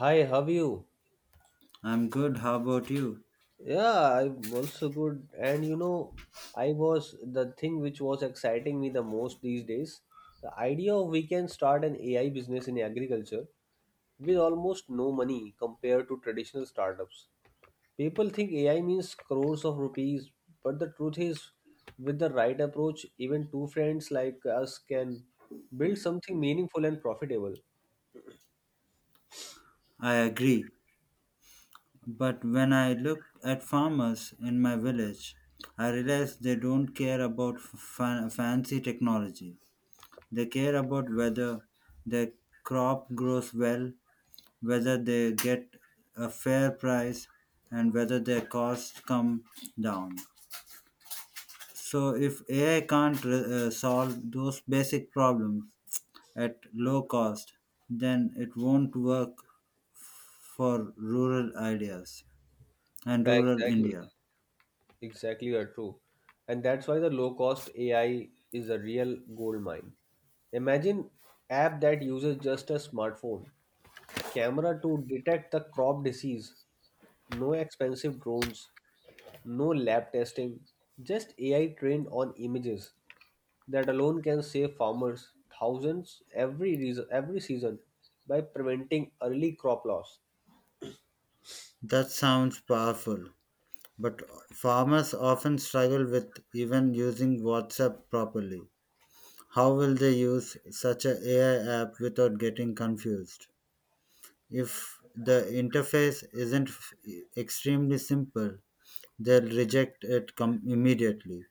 Hi, how are you? I'm good, how about you? Yeah, I'm also good. I was the thing which was exciting me the most these days, the idea of we can start an AI business in agriculture with almost no money compared to traditional startups. People think AI means crores of rupees, but the truth is, with the right approach, even two friends like us can build something meaningful and profitable. I agree. But when I look at farmers in my village, I realize they don't care about fancy technology. They care about whether their crop grows well, whether they get a fair price, and whether their costs come down. So, if AI can't solve those basic problems at low cost, then it won't work for rural ideas and Yeah, rural exactly. India. Exactly are true. And that's why the low cost AI is a real gold mine. Imagine app that uses just a smartphone, camera to detect the crop disease, no expensive drones, no lab testing, just AI trained on images. That alone can save farmers thousands every season by preventing early crop loss. That sounds powerful, but farmers often struggle with even using WhatsApp properly. How will they use such an AI app without getting confused? If the interface isn't extremely simple, they'll reject it immediately,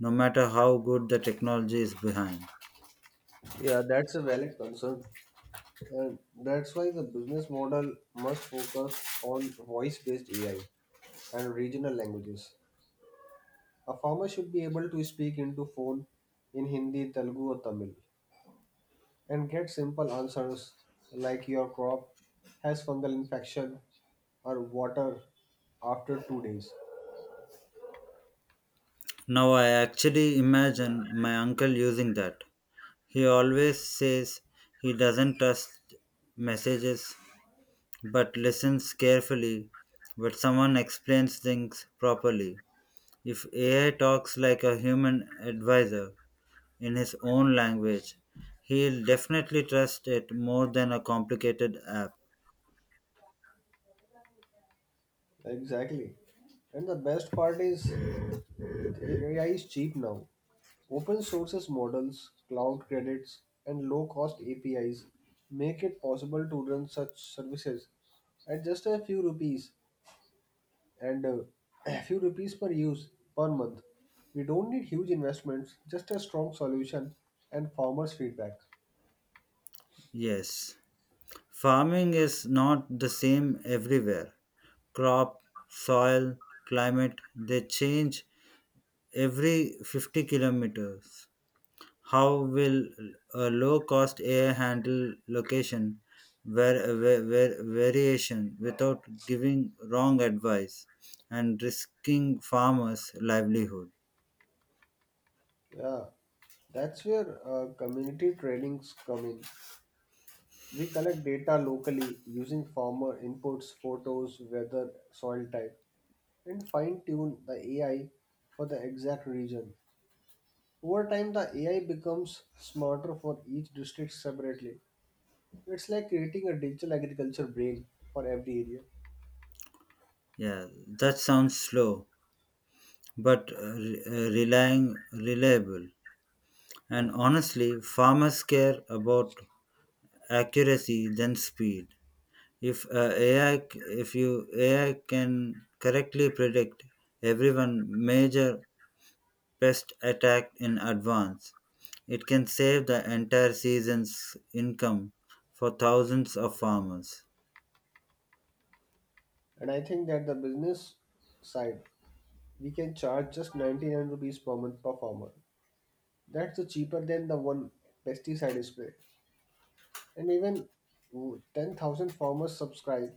no matter how good the technology is behind. Yeah, that's a valid concern. And that's why the business model must focus on voice based AI and regional languages. A farmer should be able to speak into phone in Hindi, Telugu, or Tamil and get simple answers like your crop has fungal infection or water after 2 days. Now I actually imagine my uncle using that. He always says he doesn't trust messages but listens carefully when someone explains things properly. If AI talks like a human advisor in his own language, he'll definitely trust it more than a complicated app. Exactly. And the best part is AI is cheap now. Open sources models, cloud credits, and low cost APIs make it possible to run such services at just a few rupees and a few rupees per use per month. We don't need huge investments, just a strong solution and farmers' feedback. Yes. Farming is not the same everywhere. Crop, soil, climate, they change every 50 kilometers. How will a low cost AI handle location variation without giving wrong advice and risking farmers' livelihood? Yeah, that's where community trainings come in. We collect data locally using farmer inputs, photos, weather, soil type and fine tune the AI for the exact region. Over time, the AI becomes smarter for each district separately. It's like creating a digital agriculture brain for every area. Yeah, that sounds slow, but re- relying reliable. And honestly, farmers care about accuracy than speed. If AI, if you AI can correctly predict everyone major pest attack in advance. It can save the entire season's income for thousands of farmers. And I think that the business side, we can charge just 99 rupees per month per farmer. That's cheaper than the one pesticide spray. And even 10,000 farmers subscribe,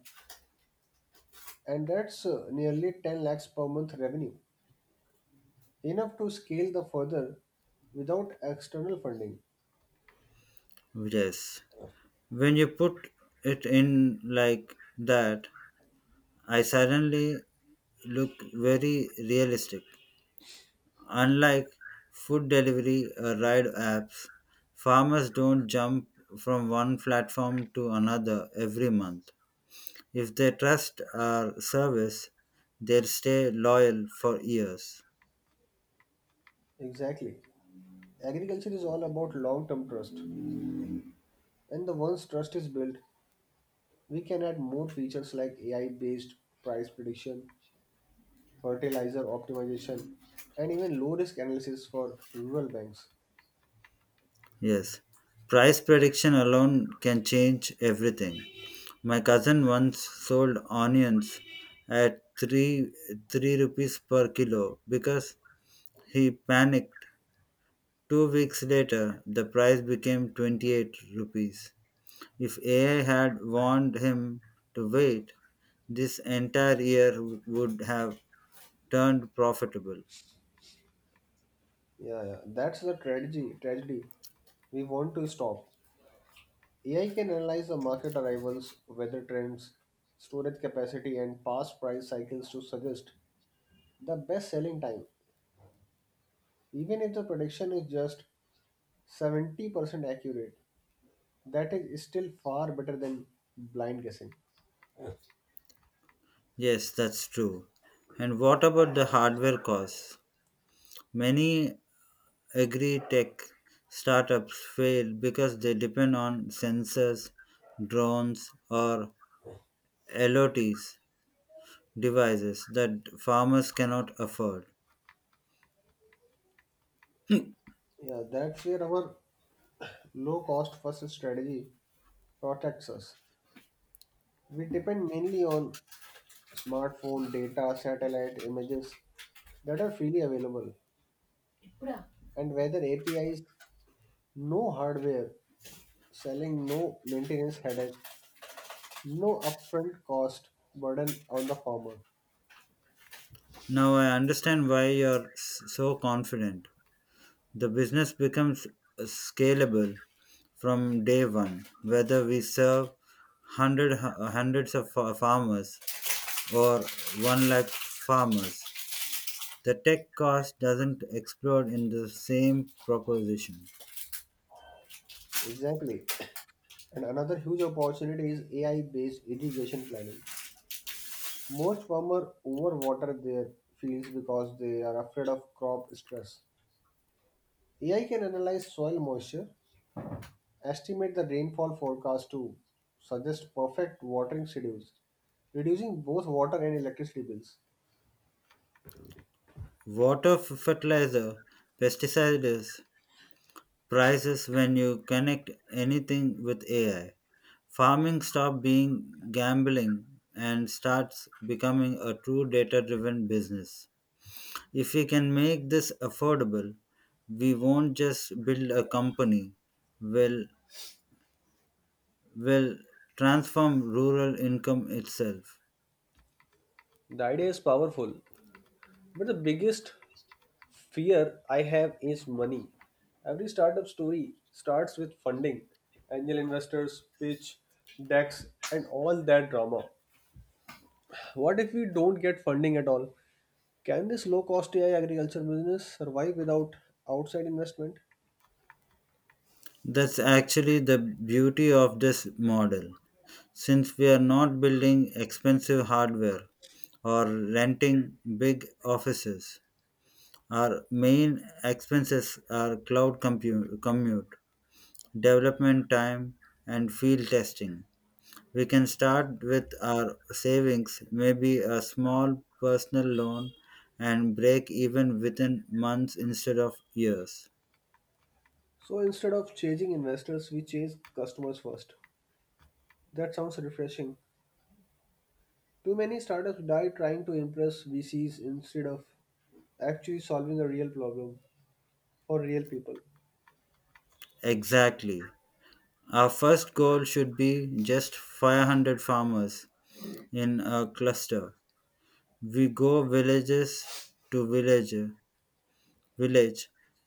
and that's nearly 10 lakhs per month revenue, enough to scale the further without external funding. Yes. When you put it in like that, I suddenly look very realistic. Unlike food delivery or ride apps, farmers don't jump from one platform to another every month. If they trust our service, they'll stay loyal for years. Exactly. Agriculture is all about long term trust, and the once trust is built, we can add more features like AI based price prediction, fertilizer optimization, and even low risk analysis for rural banks. Yes, price prediction alone can change everything. My cousin once sold onions at three rupees per kilo because he panicked. 2 weeks later, the price became 28 rupees. If AI had warned him to wait, this entire year would have turned profitable. Yeah, yeah, that's the tragedy, tragedy we want to stop. AI can analyze the market arrivals, weather trends, storage capacity, and past price cycles to suggest the best selling time. Even if the prediction is just 70% accurate, that is still far better than blind guessing. Yes, that's true. And what about the hardware costs? Many agri tech startups fail because they depend on sensors, drones, or LOTs devices that farmers cannot afford. Yeah, that's where our low cost first strategy protects us. We depend mainly on smartphone data, satellite images that are freely available, and whether APIs, no hardware, selling no maintenance headache, no upfront cost burden on the farmer. Now I understand why you're so confident. The business becomes scalable from day one, whether we serve hundreds of farmers or 1 lakh farmers. The tech cost doesn't explode in the same proposition. Exactly. And another huge opportunity is AI based irrigation planning. Most farmers overwater their fields because they are afraid of crop stress. AI can analyze soil moisture, estimate the rainfall forecast to suggest perfect watering schedules, reducing both water and electricity bills. Water, fertilizer, pesticides, prices when you connect anything with AI. Farming stops being gambling and starts becoming a true data driven business. If we can make this affordable, we won't just build a company, we'll, we'll transform rural income itself. The idea is powerful, but the biggest fear I have is money. Every startup story starts with funding, angel investors, pitch, decks, and all that drama. What if we don't get funding at all? Can this low cost AI agriculture business survive without outside investment? That's actually the beauty of this model, since we are not building expensive hardware or renting big offices. Our main expenses are cloud commute, development time, and field testing. We can start with our savings, maybe a small personal loan, and break even within months instead of years. So instead of chasing investors, we chase customers first. That sounds refreshing. Too many startups die trying to impress VCs instead of actually solving a real problem for real people. Exactly. Our first goal should be just 500 farmers in a cluster. We go village village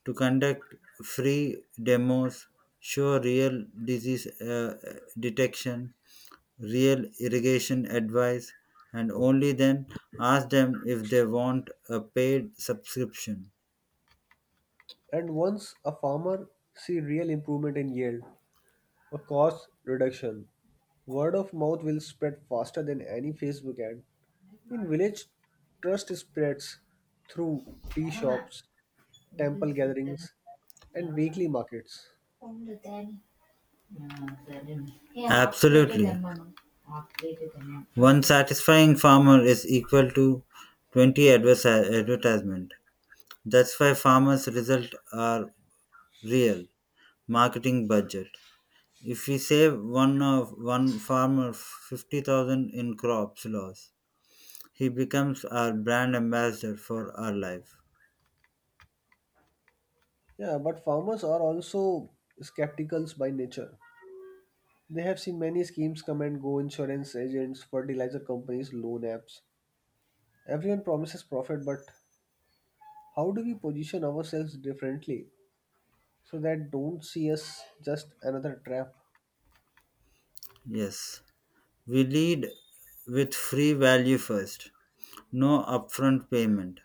to conduct free demos, show real disease detection, real irrigation advice, and only then ask them if they want a paid subscription. And once a farmer see real improvement in yield, a cost reduction, word of mouth will spread faster than any Facebook ad. In village, trust spreads through tea shops, temple gatherings, and weekly markets. Absolutely. One satisfying farmer is equal to 20 advertisement. That's why farmers' results are real marketing budget. If we save one of one farmer 50,000 in crops loss, he becomes our brand ambassador for our life. Yeah, but farmers are also skeptical by nature. They have seen many schemes come and go insurance agents, fertilizer companies, loan apps. Everyone promises profit, but how do we position ourselves differently so that don't see us just another trap? Yes, we lead with free value first, no upfront payment.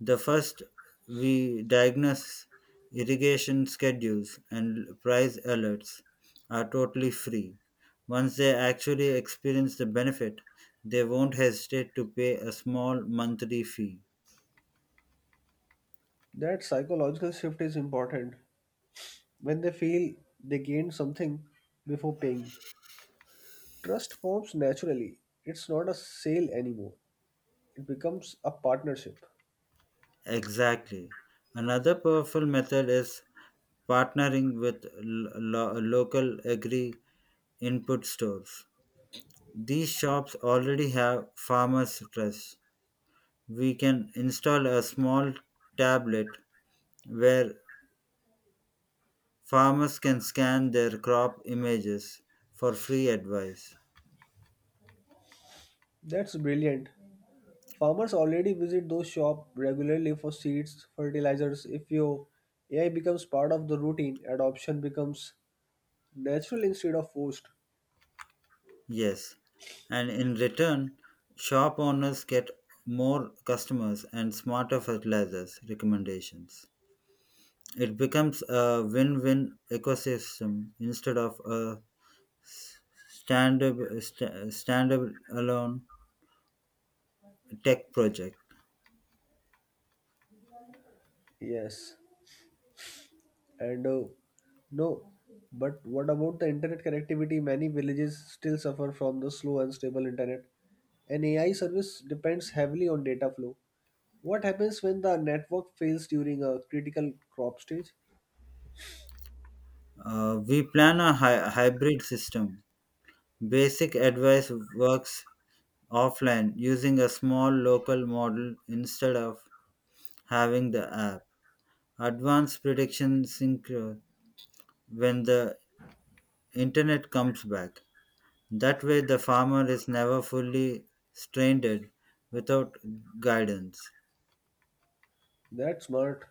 The first we diagnose irrigation schedules and price alerts are totally free. Once they actually experience the benefit, they won't hesitate to pay a small monthly fee. That psychological shift is important. When they feel they gained something before paying, trust forms naturally. It's not a sale anymore. It becomes a partnership. Exactly. Another powerful method is partnering with local agri input stores. These shops already have farmers' trust. We can install a small tablet where farmers can scan their crop images for free advice. That's brilliant. Farmers already visit those shops regularly for seeds, fertilizers. If your AI becomes part of the routine, adoption becomes natural instead of forced. Yes, and in return, shop owners get more customers and smarter fertilizers recommendations. It becomes a win-win ecosystem instead of a stand-alone tech project. Yes. And no, But what about the internet connectivity? Many villages still suffer from the slow and stable internet. An AI service depends heavily on data flow. What happens when the network fails during a critical crop stage? We plan a hybrid system. Basic advice works offline using a small local model instead of having the app. Advanced prediction sync when the internet comes back. That way, the farmer is never fully strained without guidance. That's smart.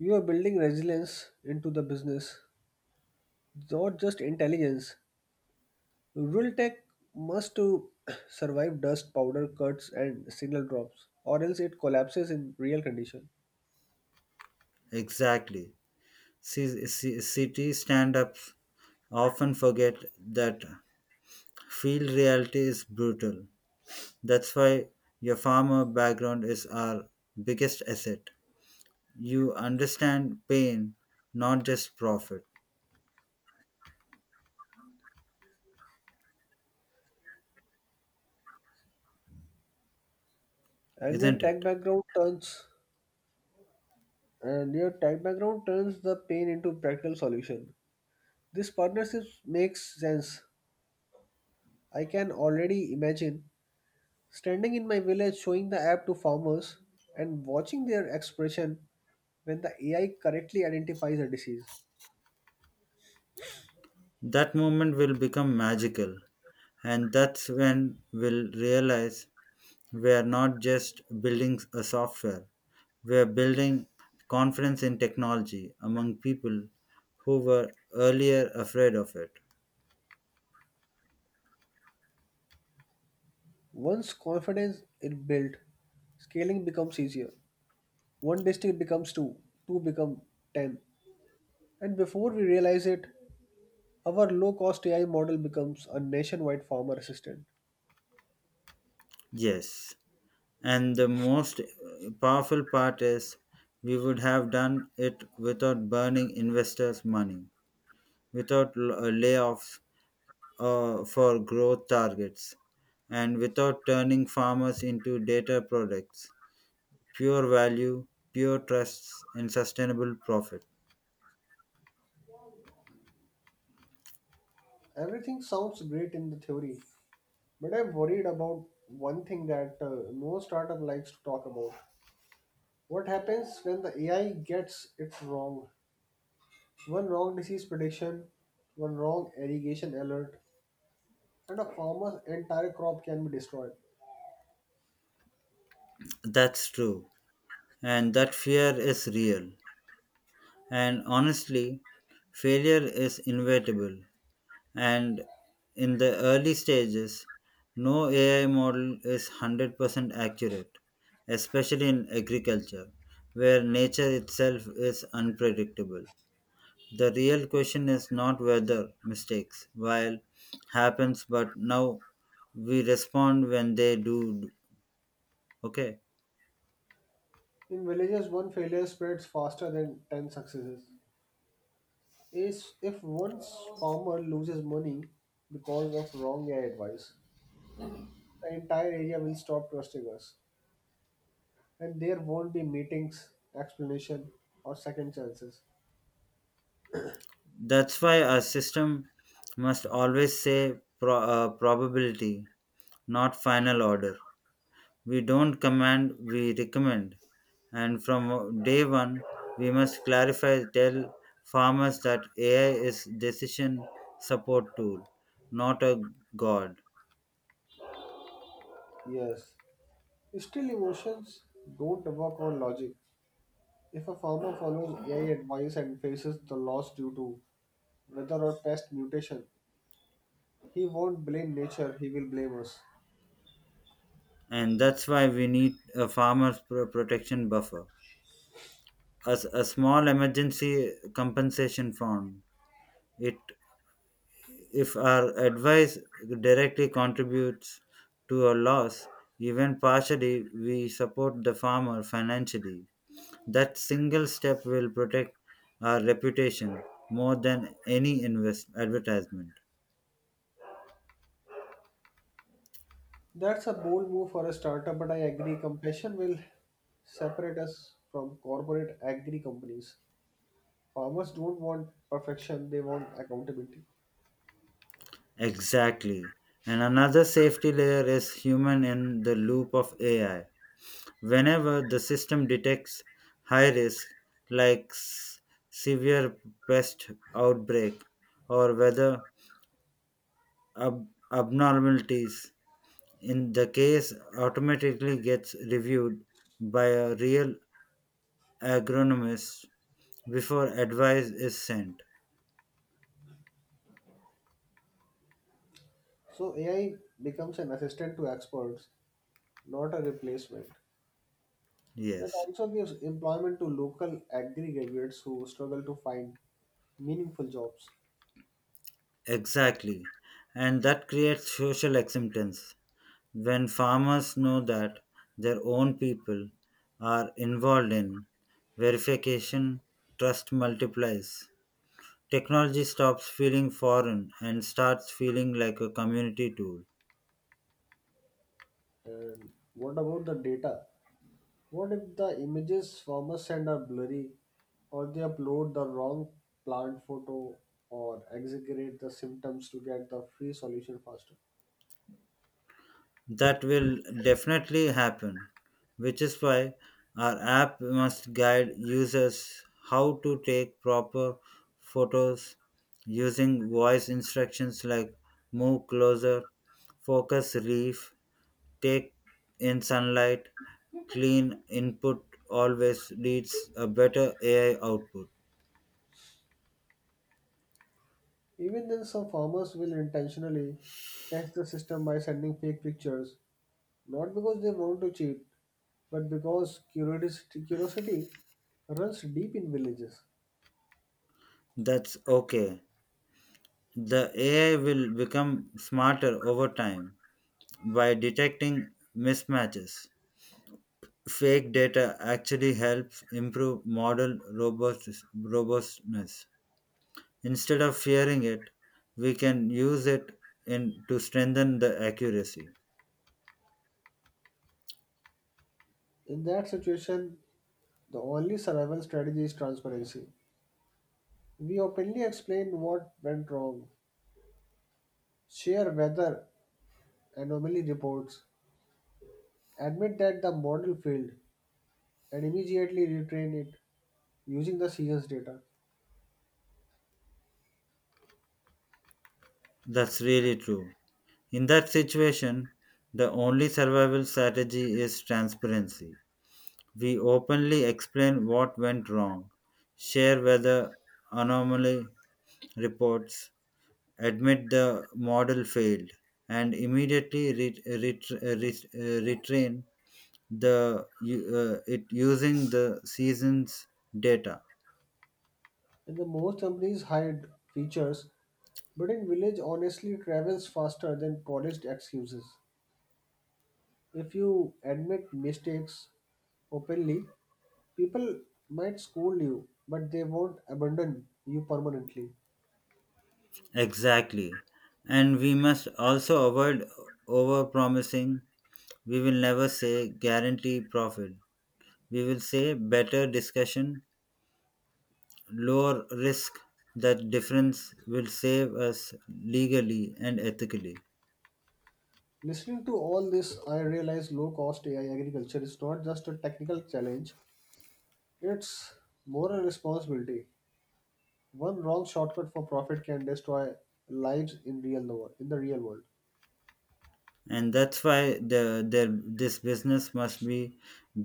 You are building resilience into the business, not just intelligence. Rural tech must to survive dust, powder, cuts, and signal drops, or else it collapses in real condition. Exactly. City stand ups often forget that field reality is brutal. That's why your farmer background is our biggest asset. You understand pain, not just profit, And your isn't tech it? background turns and your tech background turns the pain into practical solution. This partnership makes sense. I can already imagine standing in my village showing the app to farmers and watching their expression when the AI correctly identifies a disease. That moment will become magical, and that's when we'll realize we are not just building a software, we are building confidence in technology among people who were earlier afraid of it. Once confidence is built, scaling becomes easier. One district becomes two, two become ten, and before we realize it, our low-cost AI model becomes a nationwide farmer assistant. Yes. And the most powerful part is we would have done it without burning investors' money, without layoffs for growth targets, and without turning farmers into data products. Pure value, pure trusts, and sustainable profit. Everything sounds great in the theory, but I'm worried about one thing that no startup likes to talk about. What happens when the AI gets it wrong? One wrong disease prediction, one wrong irrigation alert, and a farmer's entire crop can be destroyed. That's true. And that fear is real. And honestly, failure is inevitable. And in the early stages, no AI model is 100% accurate, especially in agriculture, where nature itself is unpredictable. The real question is not whether mistakes, while happens, but now we respond when they do. Okay. In villages, one failure spreads faster than 10 successes. Is If one farmer loses money because of wrong AI advice, the entire area will stop trusting us, and there won't be meetings, explanation, or second chances. That's why a system must always say probability, not final order. We don't command, we recommend. And from day one, we must clarify, tell farmers that AI is decision support tool, not a god. Yes, still emotions don't work on logic. If a farmer follows AI advice and faces the loss due to weather or pest mutation, he won't blame nature, he will blame us. And that's why we need a farmer's protection buffer. As a small emergency compensation fund, it if our advice directly contributes to a loss, even partially, we support the farmer financially. That single step will protect our reputation more than any advertisement. That's a bold move for a startup, but I agree compassion will separate us from corporate agri companies. Farmers don't want perfection, they want accountability. Exactly. And another safety layer is human in the loop of AI. Whenever the system detects high risk, like severe pest outbreak or weather ab- abnormalities in the case automatically gets reviewed by a real agronomist before advice is sent. So AI becomes an assistant to experts, not a replacement. That Yes, also gives employment to local agri graduates who struggle to find meaningful jobs. exactly. And that creates social acceptance when farmers know that their own people are involved in verification, trust multiplies. Technology stops feeling foreign and starts feeling like a community tool. And what about the data? What if the images farmers send are blurry, or they upload the wrong plant photo, or exaggerate the symptoms to get the free solution faster? That will definitely happen, which is why our app must guide users how to take proper photos using voice instructions like move closer, focus relief, take in sunlight, clean input always leads a better AI output. Even then, some farmers will intentionally test the system by sending fake pictures, not because they want to cheat, but because curiosity runs deep in villages. That's okay. The AI will become smarter over time by detecting mismatches. Fake data actually helps improve model robustness. Instead of fearing it, we can use it in, to strengthen the accuracy. In that situation, the only survival strategy is transparency. We openly explain what went wrong, share whether anomaly reports, admit that the model failed and immediately retrain it using the season's data. That's really true. In that situation, the only survival strategy is transparency. We openly explain what went wrong, share weather anomaly reports, admit the model failed, and immediately retrain it using the seasons data. And the most companies hide features, but in village honestly travels faster than polished excuses. If you admit mistakes openly, people might scold you, but they won't abandon you permanently. Exactly. And we must also avoid over promising. We will never say guarantee profit, we will say better discussion, lower risk. That difference will save us legally and ethically. Listening to all this, I realize low cost AI agriculture is not just a technical challenge, it's more a responsibility. One wrong shortcut for profit can destroy lives in the real world. And that's why the this business must be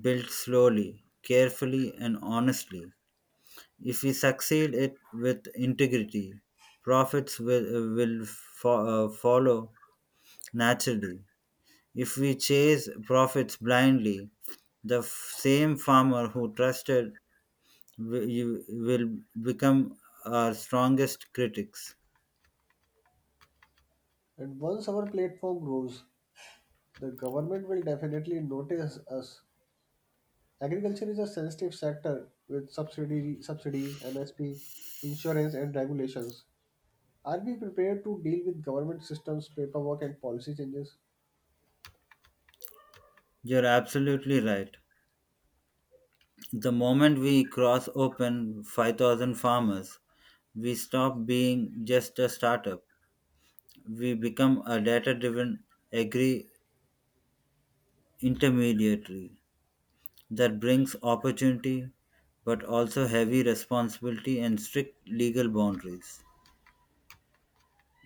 built slowly, carefully, and honestly. If we succeed it with integrity, profits will follow naturally. If we chase profits blindly, the same farmer who trusted you will become our strongest critics. And once our platform grows, the government will definitely notice us. Agriculture is a sensitive sector with subsidies, MSP, insurance, and regulations. Are we prepared to deal with government systems, paperwork, and policy changes? You're absolutely right. The moment we cross open 5,000 farmers, we stop being just a startup. We become a data driven agri intermediary that brings opportunity but also heavy responsibility and strict legal boundaries.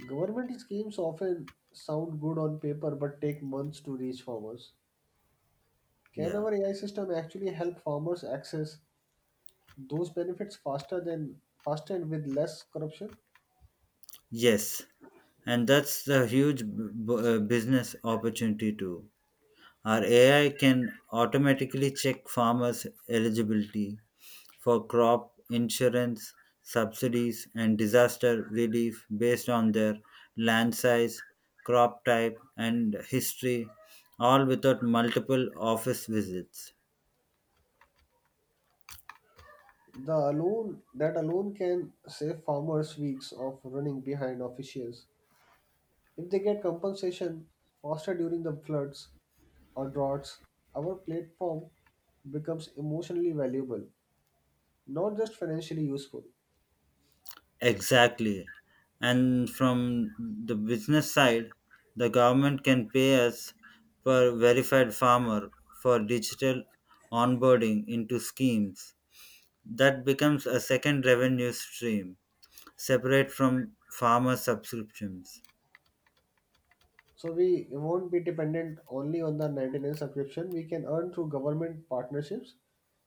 Government schemes often sound good on paper but take months to reach farmers. Can Yeah. our AI system actually help farmers access those benefits faster and with less corruption? Yes. And that's the huge business opportunity too. Our AI can automatically check farmers' eligibility for crop insurance, subsidies, and disaster relief based on their land size, crop type, and history, all without multiple office visits. The alone That alone can save farmers weeks of running behind officials. If they get compensation faster during the floods or droughts, our platform becomes emotionally valuable, not just financially useful. Exactly. And from the business side, the government can pay us per verified farmer for digital onboarding into schemes. That becomes a second revenue stream separate from farmer subscriptions. So we won't be dependent only on the 99 subscription. We can earn through government partnerships,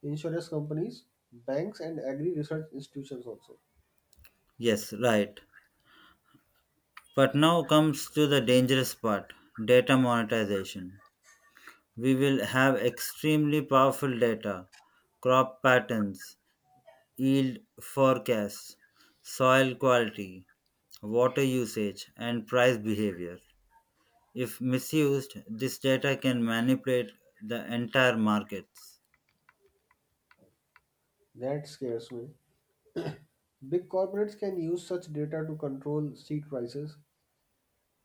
insurance companies, banks and agri research institutions also. Yes, right. But now comes to the dangerous part, data monetization. We will have extremely powerful data, crop patterns, yield forecasts, soil quality, water usage, and price behavior. If misused, this data can manipulate the entire markets. That scares me. Big corporates can use such data to control seed prices,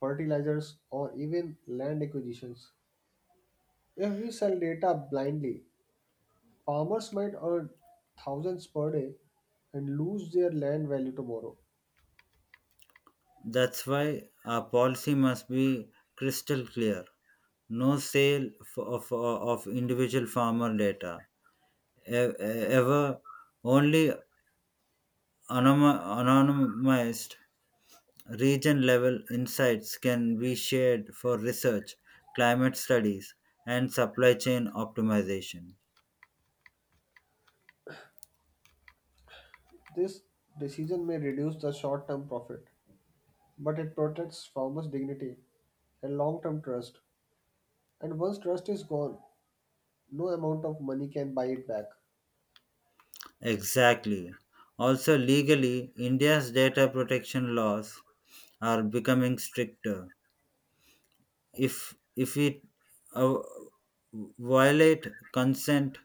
fertilizers, or even land acquisitions. If we sell data blindly, farmers might earn thousands per day and lose their land value tomorrow. That's why our policy must be crystal clear. No sale of individual farmer data, ever, only anonymized region level insights can be shared for research, climate studies, and supply chain optimization. This decision may reduce the short term profit, but it protects farmers' dignity and long term trust. And once trust is gone, no amount of money can buy it back. Exactly. Also, legally, India's data protection laws are becoming stricter. If we uh, violate consent-based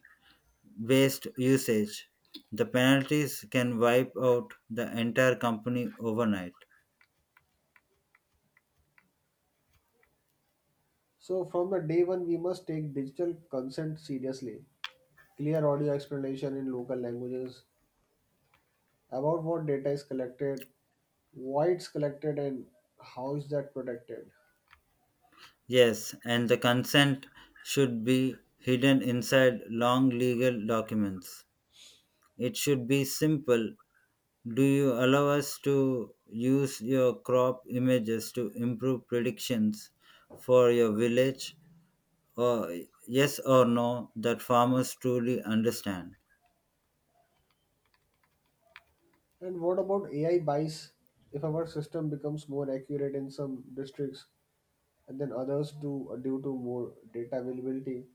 usage, the penalties can wipe out the entire company overnight. So, from the day one, we must take digital consent seriously. Clear audio explanation in local languages about what data is collected, why it's collected, and how is that protected. Yes, and the consent should be hidden inside long legal documents. It should be simple. Do you allow us to use your crop images to improve predictions for your village? Or yes or no that farmers truly understand. And what about AI bias? If our system becomes more accurate in some districts and then others do due to more data availability,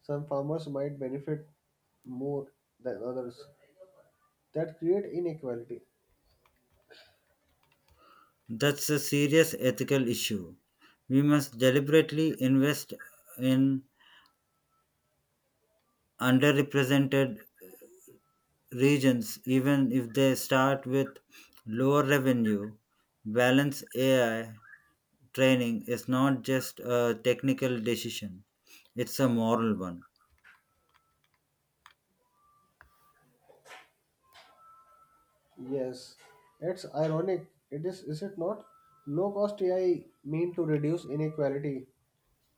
some farmers might benefit more than others. That create inequality. That's a serious ethical issue. We must deliberately invest in underrepresented regions, even if they start with lower revenue. Balanced AI training is not just a technical decision, it's a moral one. Yes, it's ironic. It is it not? Low cost AI mean to reduce inequality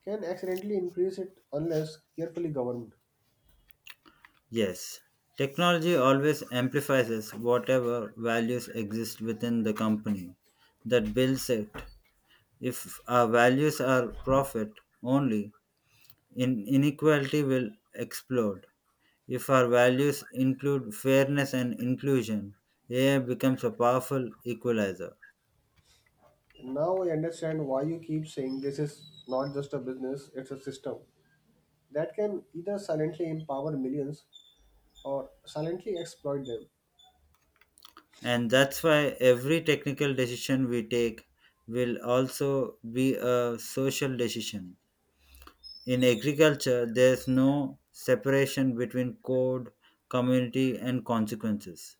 can accidentally increase it unless carefully governed. Yes, technology always amplifies whatever values exist within the company that builds it. If our values are profit only, inequality will explode. If our values include fairness and inclusion, AI becomes a powerful equalizer. Now I understand why you keep saying this is not just a business, it's a system that can either silently empower millions or silently exploit them. And that's why every technical decision we take will also be a social decision. In agriculture, there's no separation between code, community, and consequences.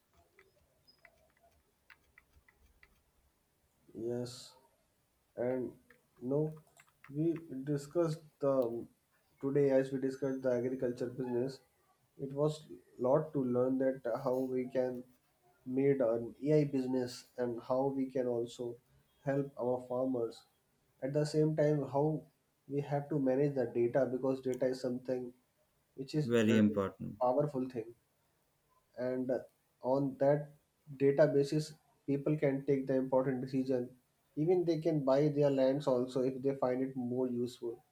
Yes, and no, We discussed the today as we discussed the agriculture business. It was lot to learn that how we can made an AI business and how we can also help our farmers. At the same time, how we have to manage the data because data is something which is a Very really important. powerful thing, and on that data people can take the important decision, even they can buy their lands also if they find it more useful.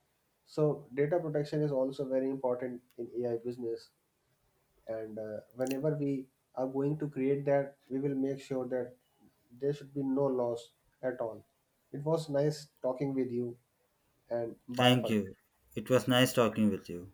So data protection is also very important in AI business. And Whenever we are going to create that, we will make sure that there should be no loss at all. It was nice talking with you, and bye Thank for you. It was nice talking with you.